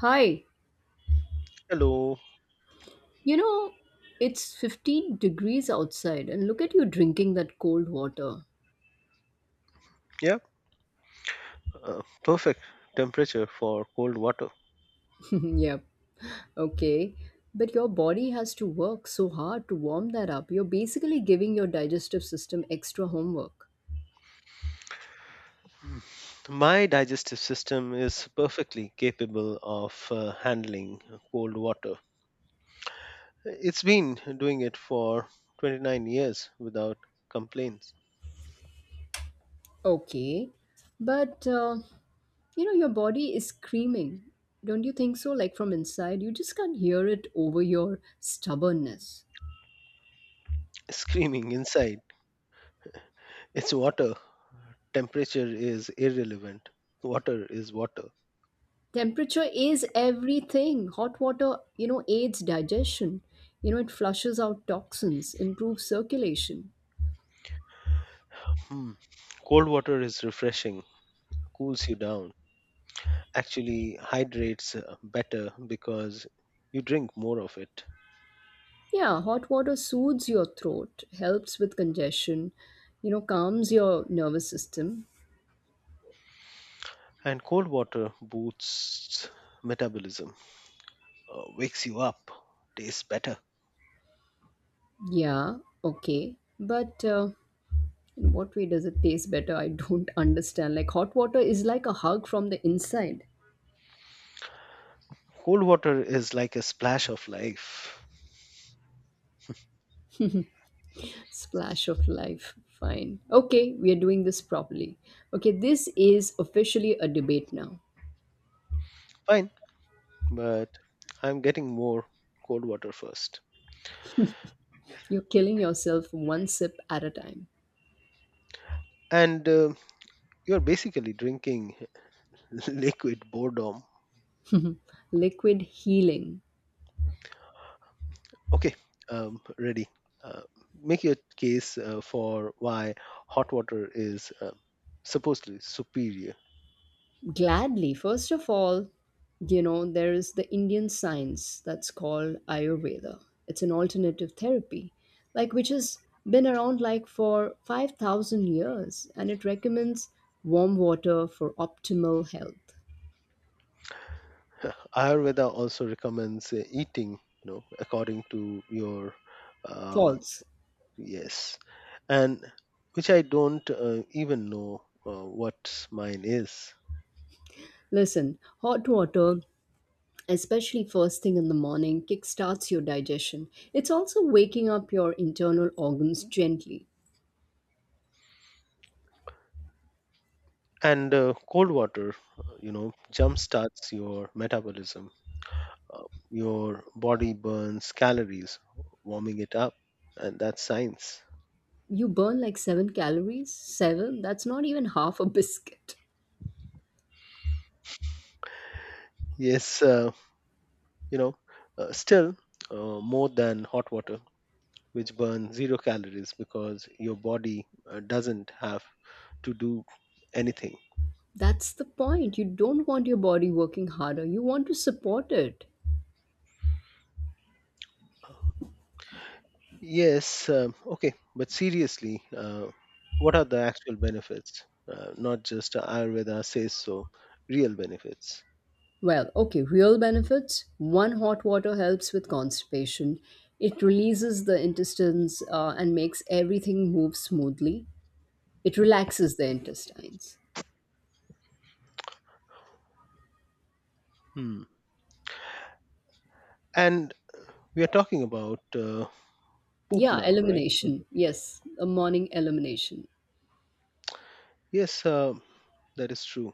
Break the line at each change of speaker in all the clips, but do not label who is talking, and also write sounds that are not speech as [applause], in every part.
Hi,
Hello.
you know, it's 15 degrees outside, and look at you drinking that cold water.
Yeah, perfect temperature for cold water.
[laughs] Yep, okay. But your body has to work so hard to warm that up. You're basically giving your digestive system extra homework.
Mm. My digestive system is perfectly capable of handling cold water. It's been doing it for 29 years without complaints.
Okay, but you know, your body is screaming. Don't you think so? Like from inside, you just can't hear it over your stubbornness.
[laughs] Screaming inside, it's water. Temperature is irrelevant. Water is water.
Temperature is everything. Hot water, you know, aids digestion. You know, it flushes out toxins, improves circulation.
Hmm. Cold water is refreshing, cools you down, actually hydrates better because you drink more of it.
Yeah, hot water soothes your throat, helps with congestion, you know, calms your nervous system.
And cold water boosts metabolism, wakes you up, tastes better.
Yeah, okay. But in what way does it taste better? I don't [laughs] understand. Like, hot water is like a hug from the inside.
Cold water is like a splash of life.
Splash of life. Fine. Okay, we are doing this properly. Okay, this is officially a debate now.
Fine, but I'm getting more cold water first.
You're killing yourself one sip at a time.
And you're basically drinking [laughs] liquid boredom.
Liquid healing.
Okay, ready. Uh, Make your case for why hot water is supposedly superior.
Gladly. First of all, you know, there is the Indian science that's called Ayurveda. It's an alternative therapy, like which has been around like for 5,000 years, and it recommends warm water for optimal health.
Ayurveda also recommends eating, you know, according to your um,
False.
yes, and which I don't even know what mine is.
Listen, hot water, especially first thing in the morning, kickstarts your digestion. It's also waking up your internal organs gently.
And cold water, you know, jump starts your metabolism. Uh, your body burns calories, warming it up, and that's science.
You burn like seven calories? Seven? That's not even half a biscuit.
Yes, you know, still more than hot water. Which burn zero calories because your body doesn't have to do anything.
That's the point. You don't want your body working harder, you want to support it.
Yes, okay, but seriously, what are the actual benefits? Not just Ayurveda says so, real benefits.
Well, okay, real benefits. One, hot water helps with constipation. It releases the intestines and makes everything move smoothly. It relaxes the intestines.
Hmm. And we are talking about poop
Yeah,
now, right?
elimination. Yes, a morning elimination.
Yes, that is true.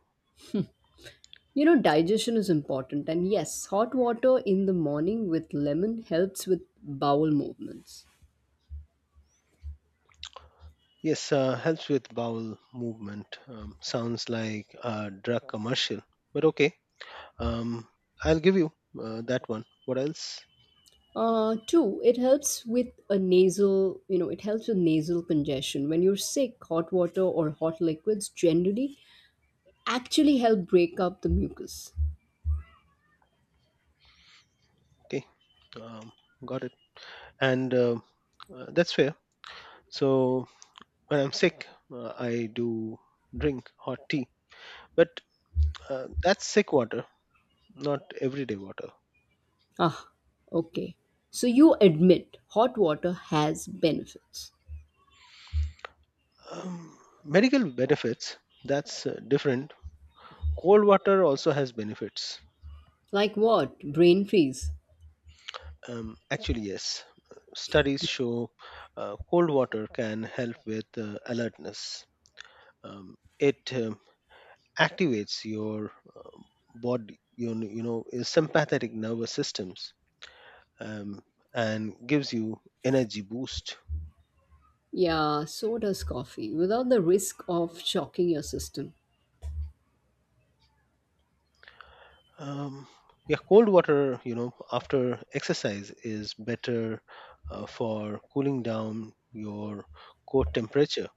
You know, digestion is important, and yes, hot water in the morning with lemon helps with bowel movements.
Yes, helps with bowel movement. Sounds like a drug commercial, but okay. Um, I'll give you that one. What else?
Two, it helps with a nasal, you know, it helps with nasal congestion. When you're sick, hot water or hot liquids generally actually help break up the mucus.
Okay, um, got it. And that's fair. So when I'm sick, I do drink hot tea, but that's sick water, not everyday water.
Ah, okay. So you admit hot water has benefits.
Um, Medical benefits, that's different. Cold water also has benefits.
Like what? Brain freeze.
Actually, yes. Studies show cold water can help with alertness. It activates your body, you know, sympathetic nervous systems, um, and gives you energy boost.
Yeah, so does coffee, without the risk of shocking your system.
Um, yeah, cold water, you know, after exercise is better for cooling down your core temperature.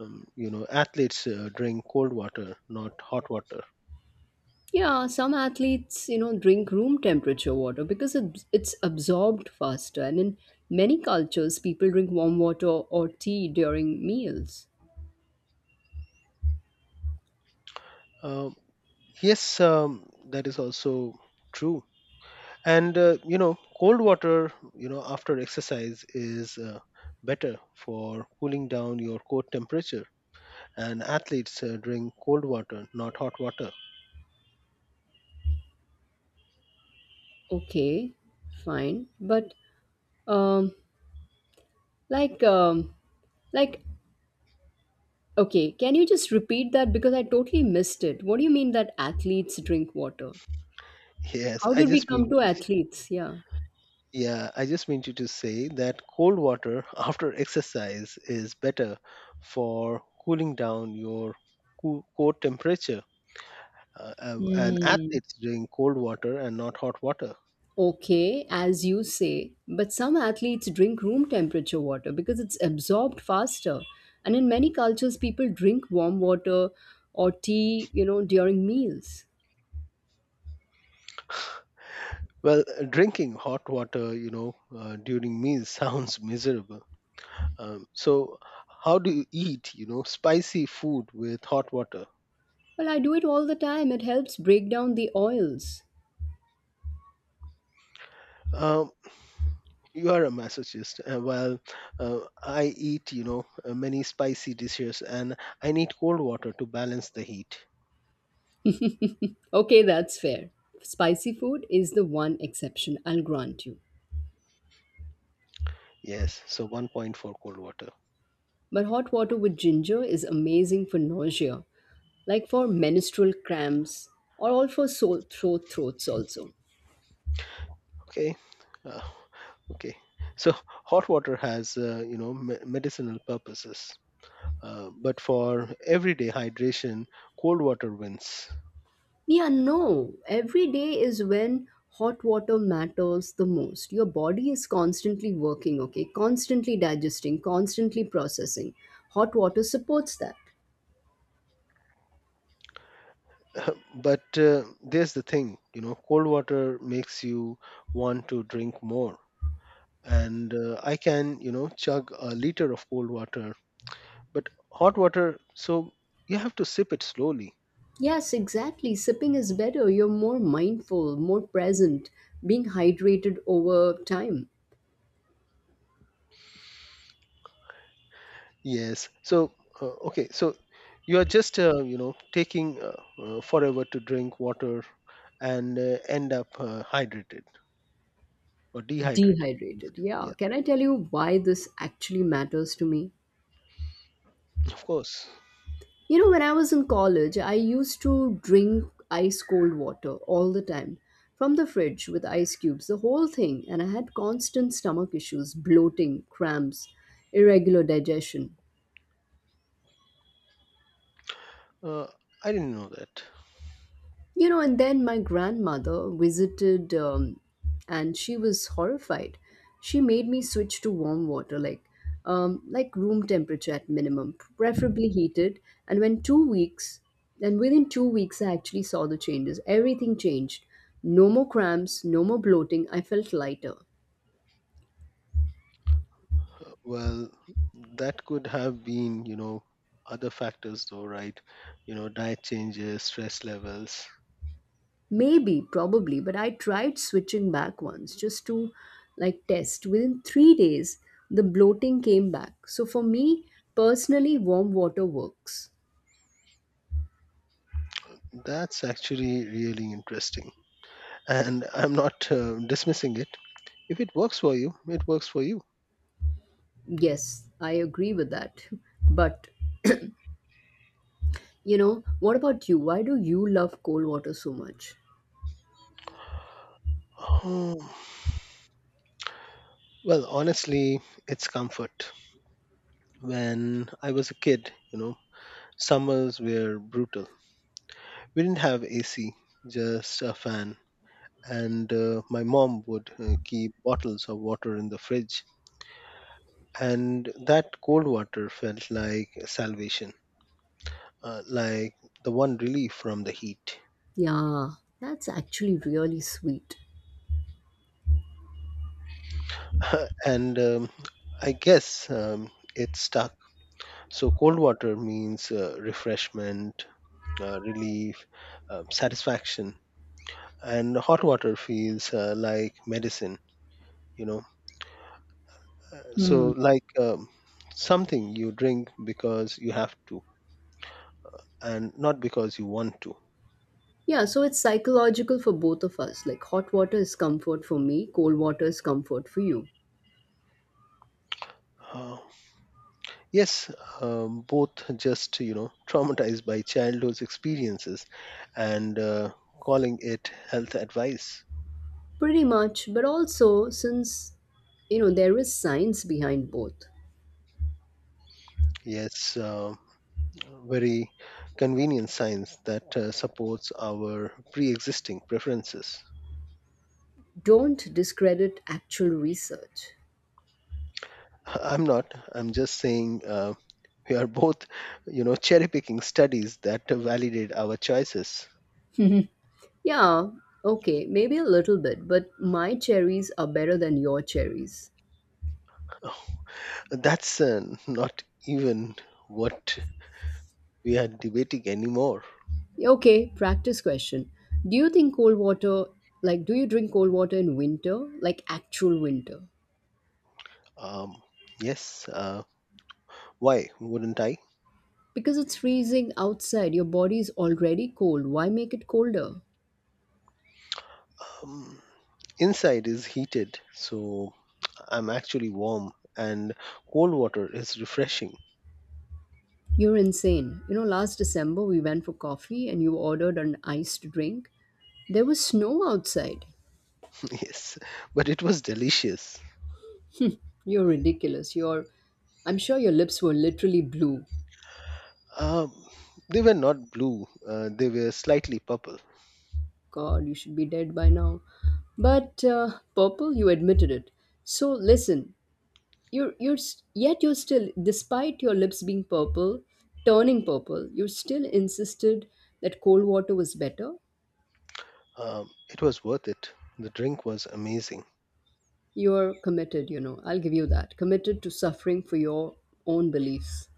You know, athletes drink cold water, not hot water.
Yeah, some athletes, you know, drink room temperature water because it's absorbed faster. And in many cultures, people drink warm water or tea during meals.
Um, yes, that is also true. And you know, cold water, you know, after exercise is better for cooling down your core temperature, and athletes drink cold water, not hot water.
Okay, fine. But um like um like okay, can you just repeat that because I totally missed it. What do you mean that athletes drink water?
Yes,
How
I
did we
just mean,
come to athletes? Yeah.
yeah, I just meant you to say that cold water [laughs] after exercise is better for cooling down your core temperature. And
Hmm.
athletes drink cold water and not hot water.
Okay, as you say, but some athletes drink room temperature water because it's absorbed faster. And in many cultures, people drink warm water or tea, you know, during meals.
Well, drinking hot water, you know, during meals [laughs] sounds miserable. So, how do you eat, you know, spicy food with hot water?
Well, I do it all the time. It helps break down the oils.
Um, You are a masochist. Well, I eat, you know, many spicy dishes and I need cold water to balance the heat.
[laughs] Okay, that's fair. Spicy food is the one exception, I'll grant you.
Yes, so 1.4 cold water.
But hot water with ginger is amazing for nausea, like for menstrual cramps or all for sore throat throats also.
Okay. Uh, okay. So hot water has, you know, medicinal purposes. But for everyday hydration, cold water wins.
Yeah, no. Every day is when hot water matters the most. Your body is constantly working, okay? Constantly digesting, constantly processing. Hot water supports that.
[laughs] But there's the thing, you know, cold water makes you want to drink more. And I can, you know, chug a liter of cold water, but hot water, so you have to sip it slowly.
Yes, exactly. Sipping is better. You're more mindful, more present, being hydrated over time.
Yes, so okay, so you are just you know, taking forever to drink water and end up hydrated or dehydrated.
Dehydrated. Yeah.
Yeah,
Can I tell you why this actually matters to me?
of course.
You know, when I was in college, I used to drink ice cold water all the time from the fridge with ice cubes, the whole thing, and I had constant stomach issues, bloating, cramps, irregular digestion.
Uh, i didn't know that.
You know, and then my grandmother visited and she was horrified. She made me switch to warm water, like room temperature at minimum, preferably heated. And when two weeks, and within 2 weeks, I actually saw the changes. Everything changed. No more cramps, no more bloating. I felt lighter.
Well, that could have been, you know, other factors though, right? You know, diet changes, stress levels.
Maybe, probably, but I tried switching back once just to like test. Within 3 days, the bloating came back. So for me personally, warm water works.
That's actually really interesting, and I'm not dismissing it. If it works for you, it works for you. [sighs]
Yes, I agree with that. [laughs] But you know, what about you? Why do you love cold water so much?
Oh, well, honestly, it's comfort. When I was a kid, you know, summers were brutal. We didn't have AC, just a fan. And my mom would keep bottles of water in the fridge. And that cold water felt like salvation, like the one relief from the heat.
Yeah, that's actually really sweet.
[laughs] And I guess it stuck. So, cold water means refreshment, relief, satisfaction. And hot water feels like medicine, you know. So,
Hmm.
like something you drink because you have to and not because you want to.
Yeah, so it's psychological for both of us. Like hot water is comfort for me, cold water is comfort for you.
Uh, yes, both just, you know, [laughs] traumatized by childhood experiences and calling it health advice.
Pretty much, but also since you know there is science behind both.
Yes, very convenient science that supports our pre existing preferences.
Don't discredit actual research.
I'm not. I'm just saying we are both, you know, cherry picking studies that validate our choices.
Yeah, okay, maybe a little bit, but my cherries are better than your cherries.
That's not even what we are debating anymore.
Okay, practice question. Do you think cold water, like, do you drink cold water in winter, like actual winter?
Um, yes, why wouldn't I?
Because it's freezing outside, your body is already cold. Why make it colder?
Um, Inside is heated, so I'm actually warm, and cold water is refreshing.
You're insane. You know, last December we went for coffee and you ordered an iced drink. There was snow outside.
[laughs] Yes, but it was delicious.
You're ridiculous. You're I'm sure your lips were literally blue.
Um, they were not blue, they were slightly purple.
God, you should be dead by now. But purple, you admitted it. So listen, yet you're still despite your lips being purple, turning purple, you still insisted that cold water was better.
It was worth it. The drink was amazing. [laughs]
You're committed, you know. I'll give you that. Committed to suffering for your own beliefs.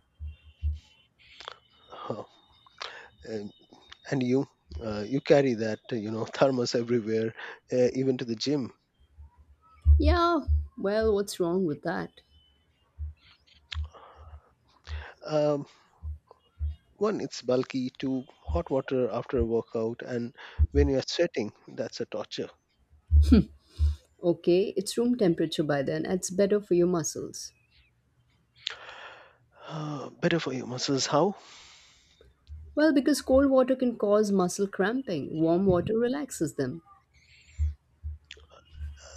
Huh. and, and you, you carry that you know, [laughs] thermos everywhere, even to the gym.
Yeah, well, what's wrong with that?
Um, One, it's bulky. Two, hot water after a workout, and when you're sweating, that's a torture. [sighs]
Okay, it's room temperature by then. And it's better for your muscles.
Better for your muscles, how?
Well, because cold water can cause muscle cramping, warm water relaxes them.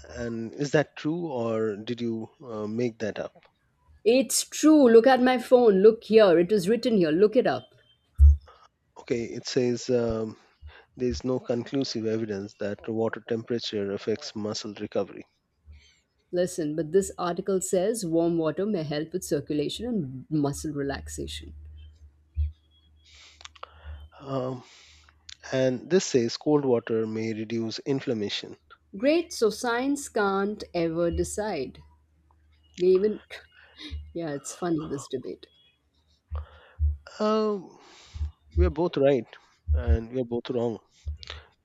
And is that true, or did you make that up?
It's true. Look at my phone. Look here. It is written here. Look it up.
Okay, it says there is no conclusive evidence that water temperature affects muscle recovery.
Listen, but this article says warm water may help with circulation and muscle relaxation.
Um, and this says cold water may reduce inflammation.
Great, so science can't ever decide. They even. [laughs] Yeah, it's funny, this debate.
Um, we are both right, and we are both wrong.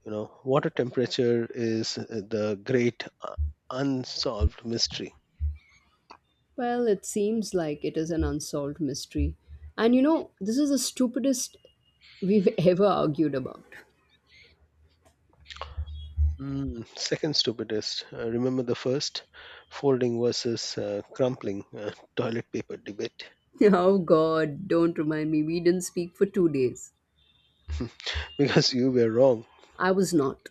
You know, water temperature is the great unsolved mystery.
Well, it seems like it is an unsolved mystery. And you know, this is the stupidest we've [laughs] ever argued about.
Mm, second stupidest. Remember the first folding versus crumpling toilet paper debate?
Oh god, don't remind me, we didn't speak for 2 days.
[laughs] Because you were wrong.
I was not.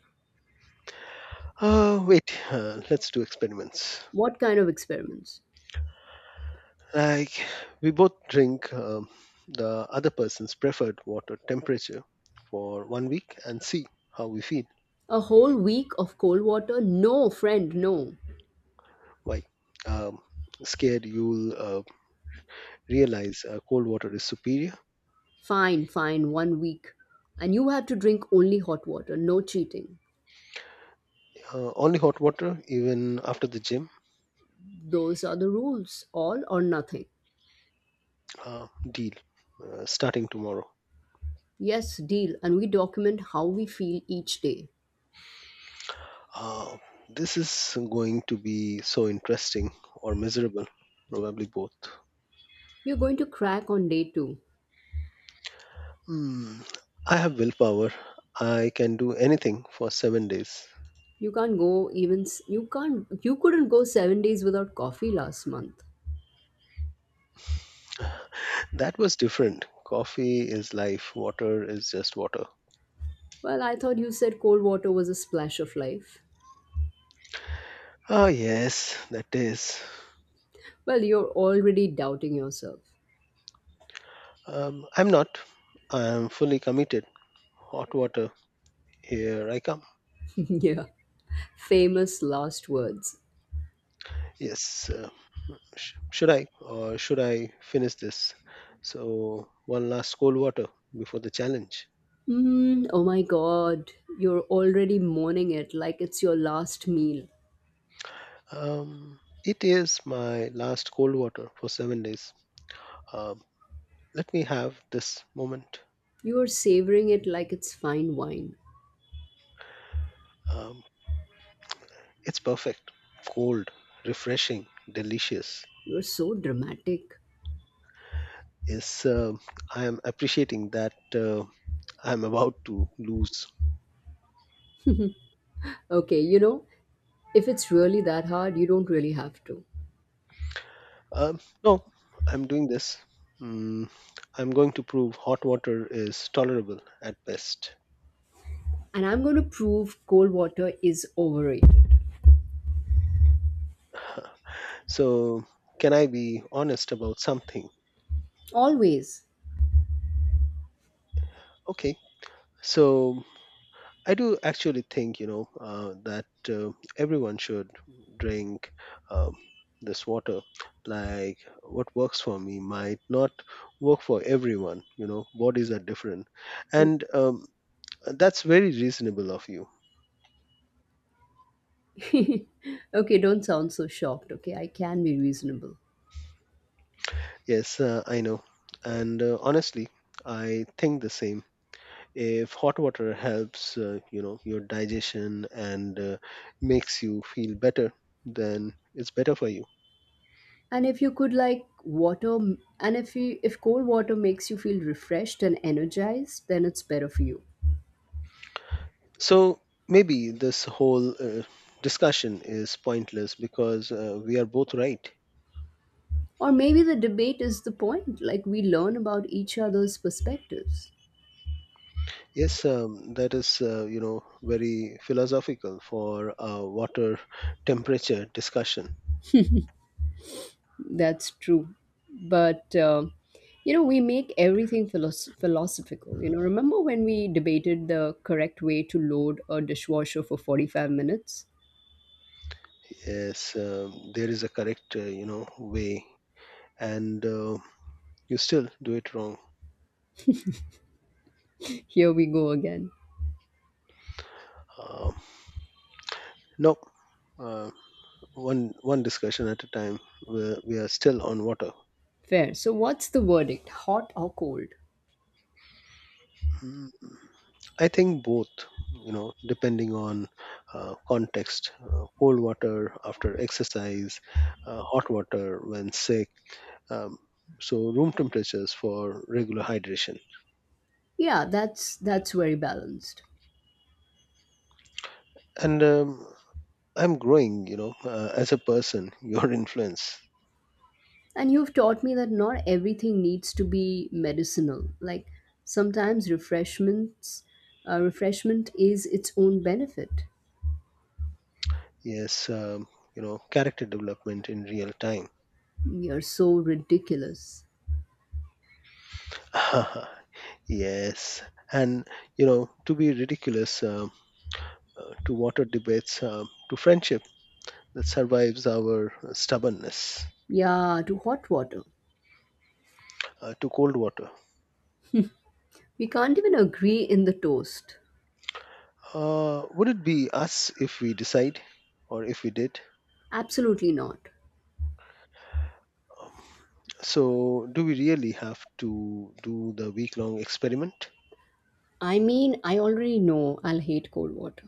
Wait, let's do experiments.
What kind of experiments?
Like, we both drink the other person's preferred water temperature for 1 week and see how we feel.
A whole week of cold water? No, friend, no.
Why? Um, Scared you'll realize cold water is superior.
Fine, fine, 1 week. And you have to drink only hot water, no cheating.
Only hot water, even after the gym.
Those are the rules, all or nothing.
Deal. Starting tomorrow.
Yes, deal, and we document how we feel each day.
Uh, this is going to be so interesting or miserable, probably both.
You're going to crack on day two.
Hmm. I have willpower. I can do anything for 7 days.
You can't go even, s- you can't, you couldn't go 7 days without coffee last month.
That was different. Coffee is life, water is just water.
Well, I thought you said cold water was a splash of life.
Ah, yes, that is.
Well, you're already doubting yourself.
I'm not. I'm fully committed. Hot water, here I come.
[laughs] Yeah. Famous last words.
Yes, should I or should I finish this? So, one last cold water before the challenge.
Mm, oh my god, you're already mourning it like it's your last meal.
Um, it is my last cold water for 7 days. Um, Let me have this moment.
You are savoring it like it's fine wine.
Um, it's perfect, cold, refreshing, delicious.
You're so dramatic.
Is I am appreciating that I'm about to lose.
Okay, you know, if it's really that hard, you don't really have to.
No, I'm doing this. Mm, I'm going to prove hot water is tolerable at best.
And I'm going to prove cold water is overrated.
So, can I be honest about something?
Always.
Okay. So, I do actually think, you know, that everyone should drink um, this water. Like, what works for me might not work for everyone. You know, bodies are different and
[laughs]
that's very reasonable of you.
Okay, don't sound so shocked, okay? I can be reasonable.
Yes, I know. And honestly, I think the same. If hot water helps, you know, your digestion and makes you feel better, then it's better for you.
And if you could like water and if you if cold water makes you feel refreshed and energized, then it's better for you.
So maybe this whole discussion is pointless because we are both right.
Or maybe the debate is the point, like we learn about each other's perspectives.
Yes, that is, you know, very philosophical for a water temperature discussion.
That's true. But you know, we make everything philosophical. You know, remember when we debated the correct way to load a dishwasher for 45 minutes?
Yes, there is a correct, you know, way, and you still do it wrong.
Here we go again.
Um no, uh, one discussion at a time. We are still on water.
Fair. So what's the verdict? Hot or cold?
Mm, I think both. You know, depending on context, cold water after exercise, hot water when sick. Um, so room temperatures for regular hydration.
Yeah, that's very balanced.
And I'm growing, you know, as a person. [laughs] Your influence.
And you've taught me that not everything needs to be medicinal. Like sometimes refreshment is its own benefit.
Yes, you know, character development in real time.
You're so ridiculous.
[laughs] Yes. And, you know, to be ridiculous, to water debates, to friendship that survives our stubbornness,
Yeah, to hot water.
to cold water.
We can't even agree in the toast.
Would it be us if we decide or if we did?
Absolutely not.
Um, So, do we really have to do the week long experiment?
I mean, I already know I'll hate cold water.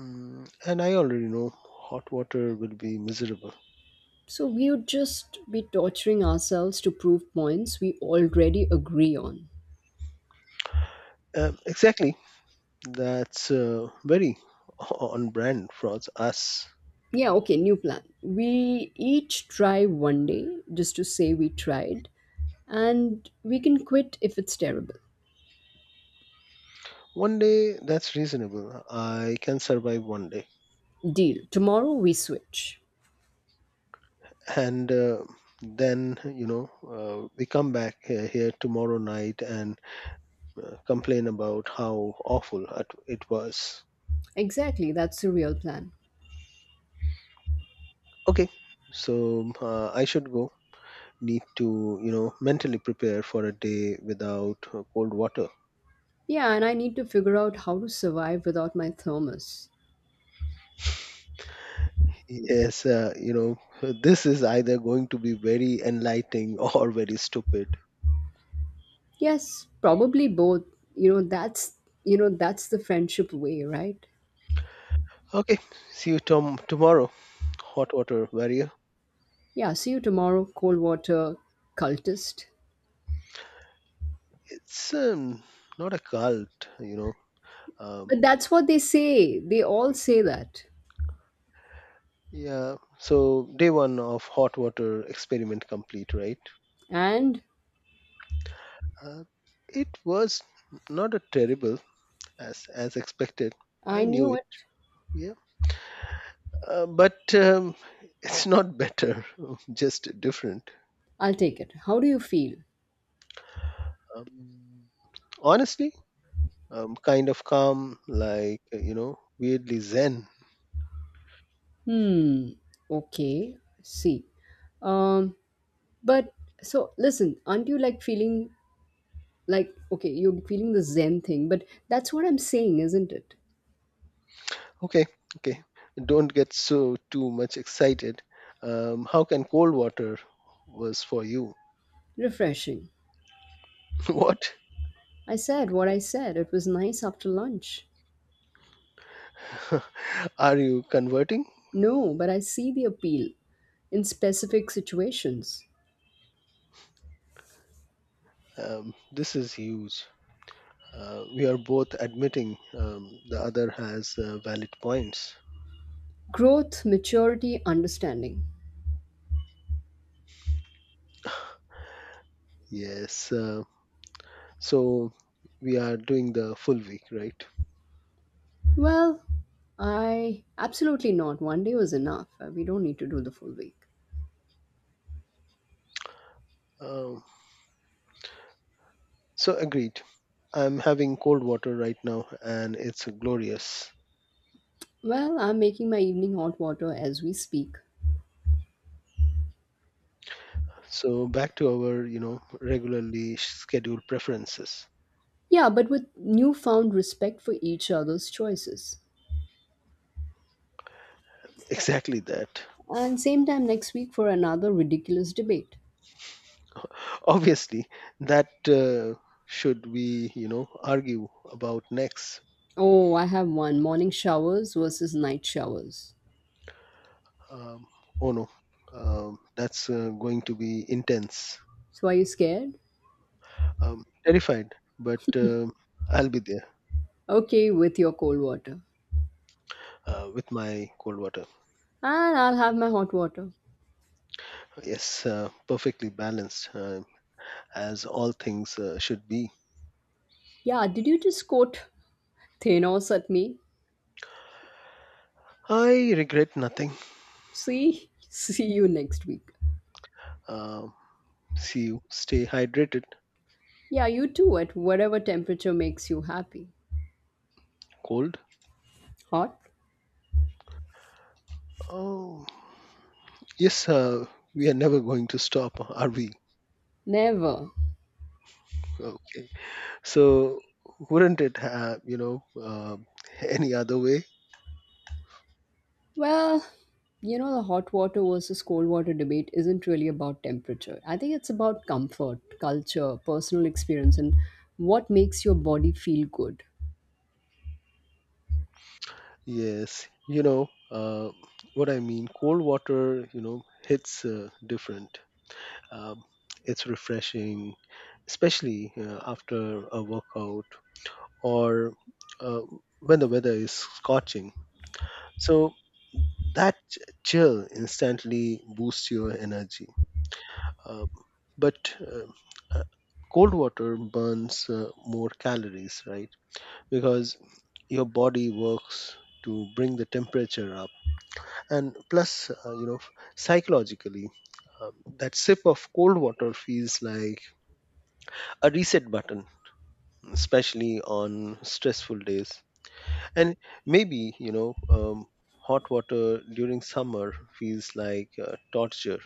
Mm, and I already know hot water will be miserable.
So we would just be torturing ourselves to prove points we already agree on.
Exactly. That's very on brand for us.
Yeah, okay, new plan. We each try 1 day just to say we tried, and we can quit if it's terrible.
One day, that's reasonable. I can survive one day.
Deal. Tomorrow we switch.
And then, you know, we come back here tomorrow night and complain about how awful it was.
Exactly, that's the real plan.
Okay, so I should go. Need to, you know, mentally prepare for a day without cold water.
Yeah, and I need to figure out how to survive without my thermos.
Yes, you know, this is either going to be very enlightening [laughs] or very stupid.
Yes, probably both. You know, that's the friendship way, right?
Okay, see you tomorrow. Hot water warrior.
Yeah, see you tomorrow, cold water cultist.
It's not a cult, you know. Um,
But that's what they say. They all say that.
yeah. So day one of hot water experiment complete, right?
And
Uh, it was not a terrible as expected.
I
I knew
knew
it.
it.
Yeah, but [laughs] it's not better. [laughs] Just different.
I'll take it. How do you feel?
Um, Honestly, kind of calm, like, you know, weirdly zen.
Hmm. Okay. See. Um, but so listen, aren't you like feeling like, okay, you're feeling the Zen thing, but that's what I'm saying, isn't it?
Okay, okay. Don't get so too much excited. How can cold water was for you?
Refreshing.
[laughs] What?
I said what I said. It was nice after lunch.
[laughs] Are you converting?
No, but I see the appeal in specific situations.
This is huge. We are both admitting the other has valid points.
Growth, maturity, understanding.
Yes. So we are doing the full week, right?
Well, I absolutely not. 1 day was enough. We don't need to do the full week.
Um, so agreed. I'm having cold water right now, and it's glorious.
Well, I'm making my evening hot water as we speak.
So back to our, regularly scheduled preferences.
Yeah, but with newfound respect for each other's choices.
Exactly that.
And same time next week for another ridiculous debate.
Obviously, that should we, argue about next.
Oh, I have one, morning showers versus night showers.
Um, oh no, that's going to be intense.
So are you scared?
Terrified, but I'll be there
Okay, with your cold water.
with my cold water.
And I'll have my hot water.
Yes, perfectly balanced, as all things should be.
Yeah, did you just quote Thanos at me?
I regret nothing.
See, [laughs] see you next week.
Um See you. Stay hydrated.
Yeah, you too, at whatever temperature makes you happy.
Cold.
Hot?
Oh. Yes, we are never going to stop, are we?
Never.
Okay. So wouldn't it have, [laughs] any other way?
Well, you know, the hot water versus cold water debate isn't really about temperature. I think it's about comfort, culture, personal experience, and what makes your body feel good.
Yes, what I mean, cold water, hits different. Um, it's refreshing, especially after a workout or uh, when the weather is scorching. So that ch- chill instantly boosts your energy. Uh, but uh, cold water burns more calories, right? Because your body works to bring the temperature up, and plus, psychologically, um, that sip of cold water feels like a reset button, especially on stressful days. And maybe, hot water during summer feels like torture,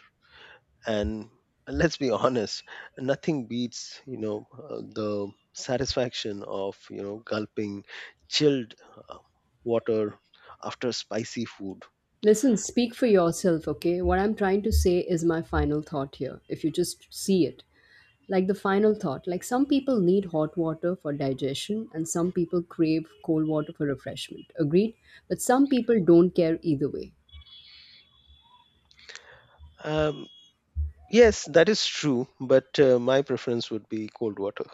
and let's be honest, nothing beats, the satisfaction of, gulping chilled uh, water after spicy food
Listen, speak for yourself, okay? What I'm trying to say is my final thought here, if you just see it. Like the final thought, like some people need hot water for digestion and some people crave cold water for refreshment. Agreed? But some people don't care either way.
um, yes, that is true, but my preference would be cold water.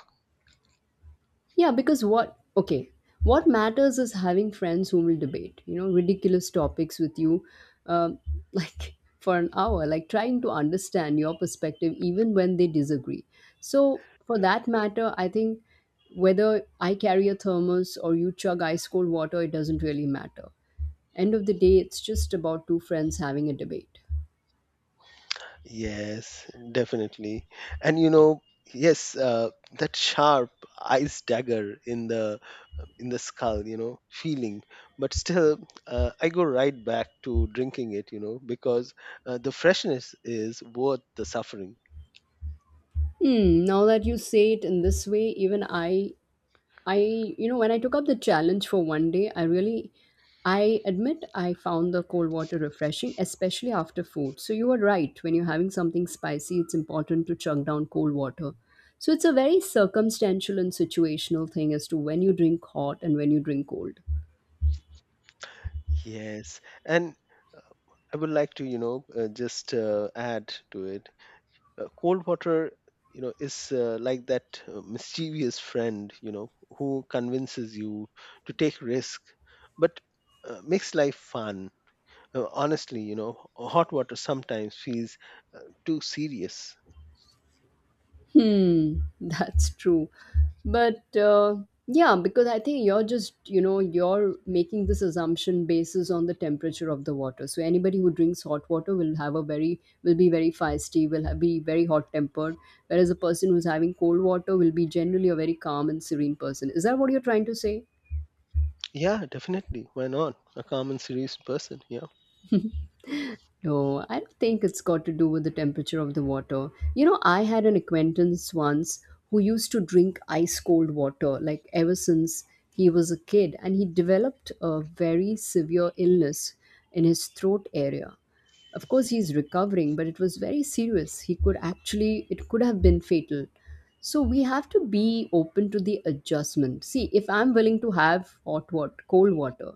Yeah, because what, okay, what matters is having friends who will debate, ridiculous topics with you, um, [laughs] like for an hour, like trying to understand your perspective even when they disagree. So, for that matter, I think whether I carry a thermos or you chug ice cold water, it doesn't really matter. End of the day, it's just about two friends having a debate.
Yes, definitely. And you know yes uh, that sharp ice dagger in the skull, you know, feeling. But still, I go right back to drinking it, you know, because the freshness is worth the suffering.
Hmm, now that you say it in this way, even I, you know, when I took up the challenge for one day, I admit I found the cold water refreshing, especially after food. So you are right. When you're having something spicy, it's important to chug down cold water. So it's a very circumstantial and situational thing as to when you drink hot and when you drink cold.
Yes. And I would like to, you know, just add to it. Cold water, you know, is like that mischievous friend, you know, who convinces you to take risk, but makes life fun. Honestly, you know, hot water sometimes feels uh, too serious.
Hmm, [laughs] that's true. But yeah, because I think you're just, you know, you're making this assumption basis on the temperature of the water. So anybody who drinks hot water will have a very, will be very feisty, will ha be very hot tempered, whereas a person who's having cold water will be generally a very calm and serene person. Is that what you're trying to say?
Yeah, definitely. Why not? A calm and serious person. Yeah.
No, I don't think it's got to do with the temperature of the water. You know, I had an acquaintance once who used to drink ice cold water, like ever since he was a kid, and he developed a very severe illness in his throat area. Of course, he's recovering, but it was very serious. He could actually, it could have been fatal. So we have to be open to the adjustment. See, if I'm willing to have hot water, cold water,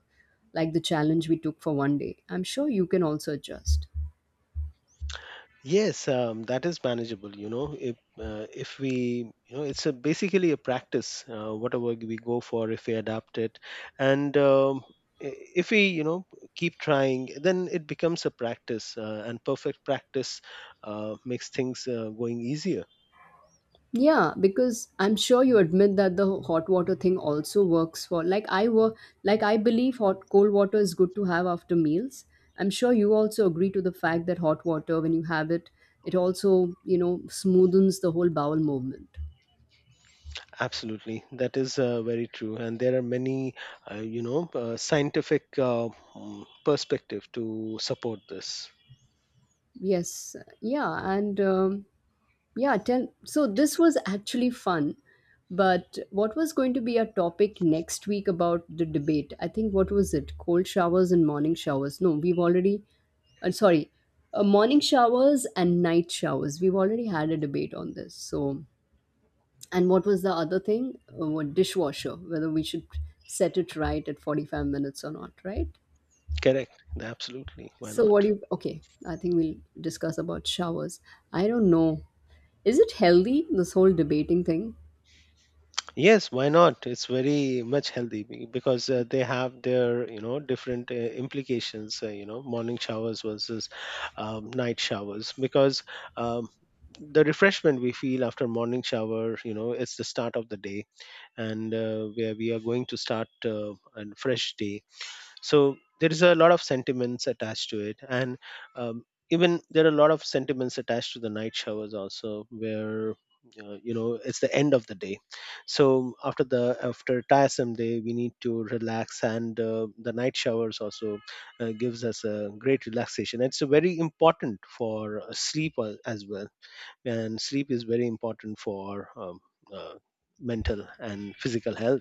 like the challenge we took for one day, I'm sure you can also adjust.
Yes, that is manageable. You know, if we, you know, it's a basically a practice. Whatever we go for, if we adapt it, and if we, you know, keep trying, then it becomes a practice. And perfect practice makes things going easier.
Yeah, because I'm sure you admit that the hot water thing also works for like I were like I believe hot cold water is good to have after meals. I'm sure you also agree to the fact that hot water when you have it, it also, you know, smoothens the whole bowel movement.
Absolutely, that is very true. And there are many, scientific, perspective to support this.
Yes, yeah, and Yeah, tell, so this was actually fun. But what was going to be our topic next week about the debate? I think what was it? Cold showers and morning showers. No, we've already, sorry, Morning showers and night showers. We've already had a debate on this. So, and what was the other thing? What dishwasher, whether we should set it right at 45 minutes or not, right?
Correct. Absolutely. Why
So, what do
not?
you, okay, I think we'll discuss about showers. I don't know. Is it healthy, this whole debating thing?
Yes, why not? It's very much healthy because they have their, you know, different implications, you know, morning showers versus night showers, because um, the refreshment we feel after morning shower, you know, it's the start of the day, and where we are going to start a fresh day, so there is a lot of sentiments attached to it. And um, even there are a lot of sentiments attached to the night showers also, where you know, it's the end of the day. So after the after a tiresome day, we need to relax, and the night showers also gives us a great relaxation. It's very important for sleep as well, and sleep is very important for uh, mental and physical health.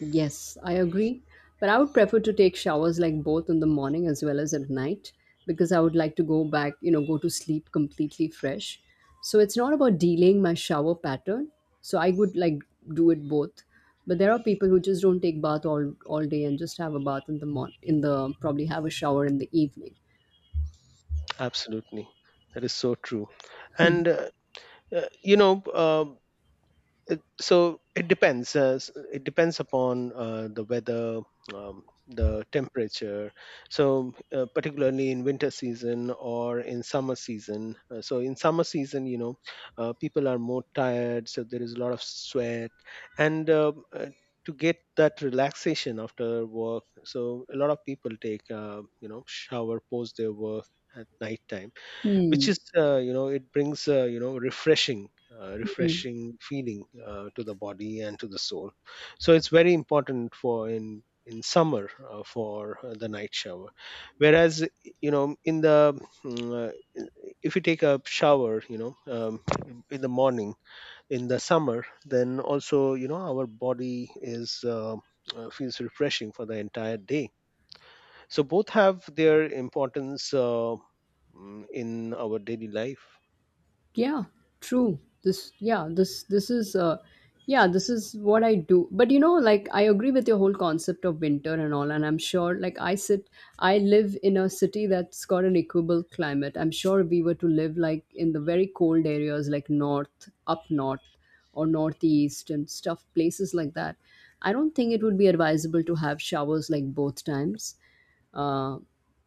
Yes, I agree. But I would prefer to take showers like both in the morning as well as at night because I would like to go back, you know, go to sleep completely fresh. So it's not about delaying my shower pattern. So I would like do it both. But there are people who just don't take bath all day and just have a bath in the morning, in the probably have a shower in the evening.
Absolutely, that is so true. And Uh, you know, um, so it depends. It depends upon the weather, the temperature. So, particularly in winter season or in summer season. In summer season, you know, people are more tired, so there is a lot of sweat, and to get that relaxation after work, so a lot of people take, shower post their work at night time,
[laughs]
which is, you know, it brings, refreshing, refreshing feeling to the body and to the soul. So it's very important for in summer for the night shower, whereas you know, in the mm, uh, if you take a shower, you know, in the morning in the summer, then also, you know, our body is, feels refreshing for the entire day. So both have their importance in our daily life.
Yeah, true. This yeah this this is uh yeah this is what I do, but you know, like I agree with your whole concept of winter and all, and I'm sure, I live in a city that's got an equable climate. I'm sure if we were to live like in the very cold areas, like north, up north, or northeast and stuff, places like that, I don't think it would be advisable to have showers like both times. uh,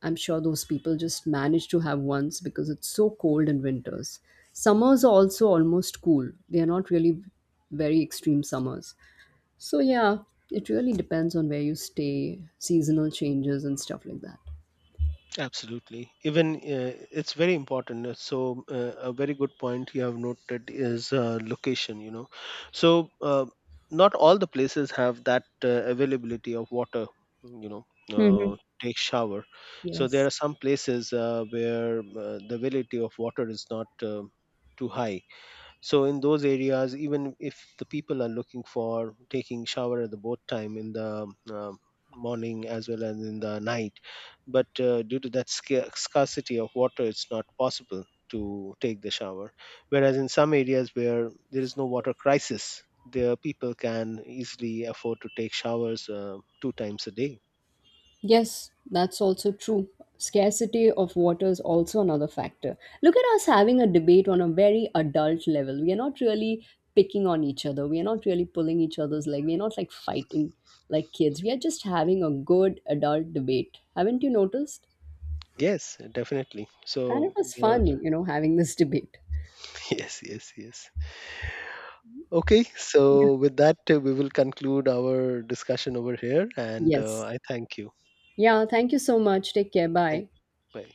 I'm sure those people just manage to have once because it's so cold in winters. Summers are also almost cool, they are not really very extreme summers. So, yeah, it really depends on where you stay, seasonal changes, and stuff like that.
Absolutely. Even it's very important. A very good point you have noted is location, you know. So, not all the places have that availability of water, you know, take shower. So, there
Yes.
are some places where the availability of water is not too high, so in those areas, even if the people are looking for taking shower at the boat time in the morning as well as in the night, but due to that scarcity of water, it's not possible to take the shower. Whereas in some areas where there is no water crisis, the people can easily afford to take showers two times a day.
Yes, that's also true. Scarcity of water is also another factor. Look at us having a debate on a very adult level. We are not really picking on each other. We are not really pulling each other's leg. We are not like fighting like kids. We are just having a good adult debate. Haven't you noticed?
Yes, definitely.
And it
So
was
there are,
fun, you know, having this debate.
[laughs] yes, yes, yes. Okay,
Yeah.
so with that, we will conclude our discussion over here, and
Yes.
I thank you.
Yeah, thank you so much. Take care.
Thank
Bye.
you. Bye.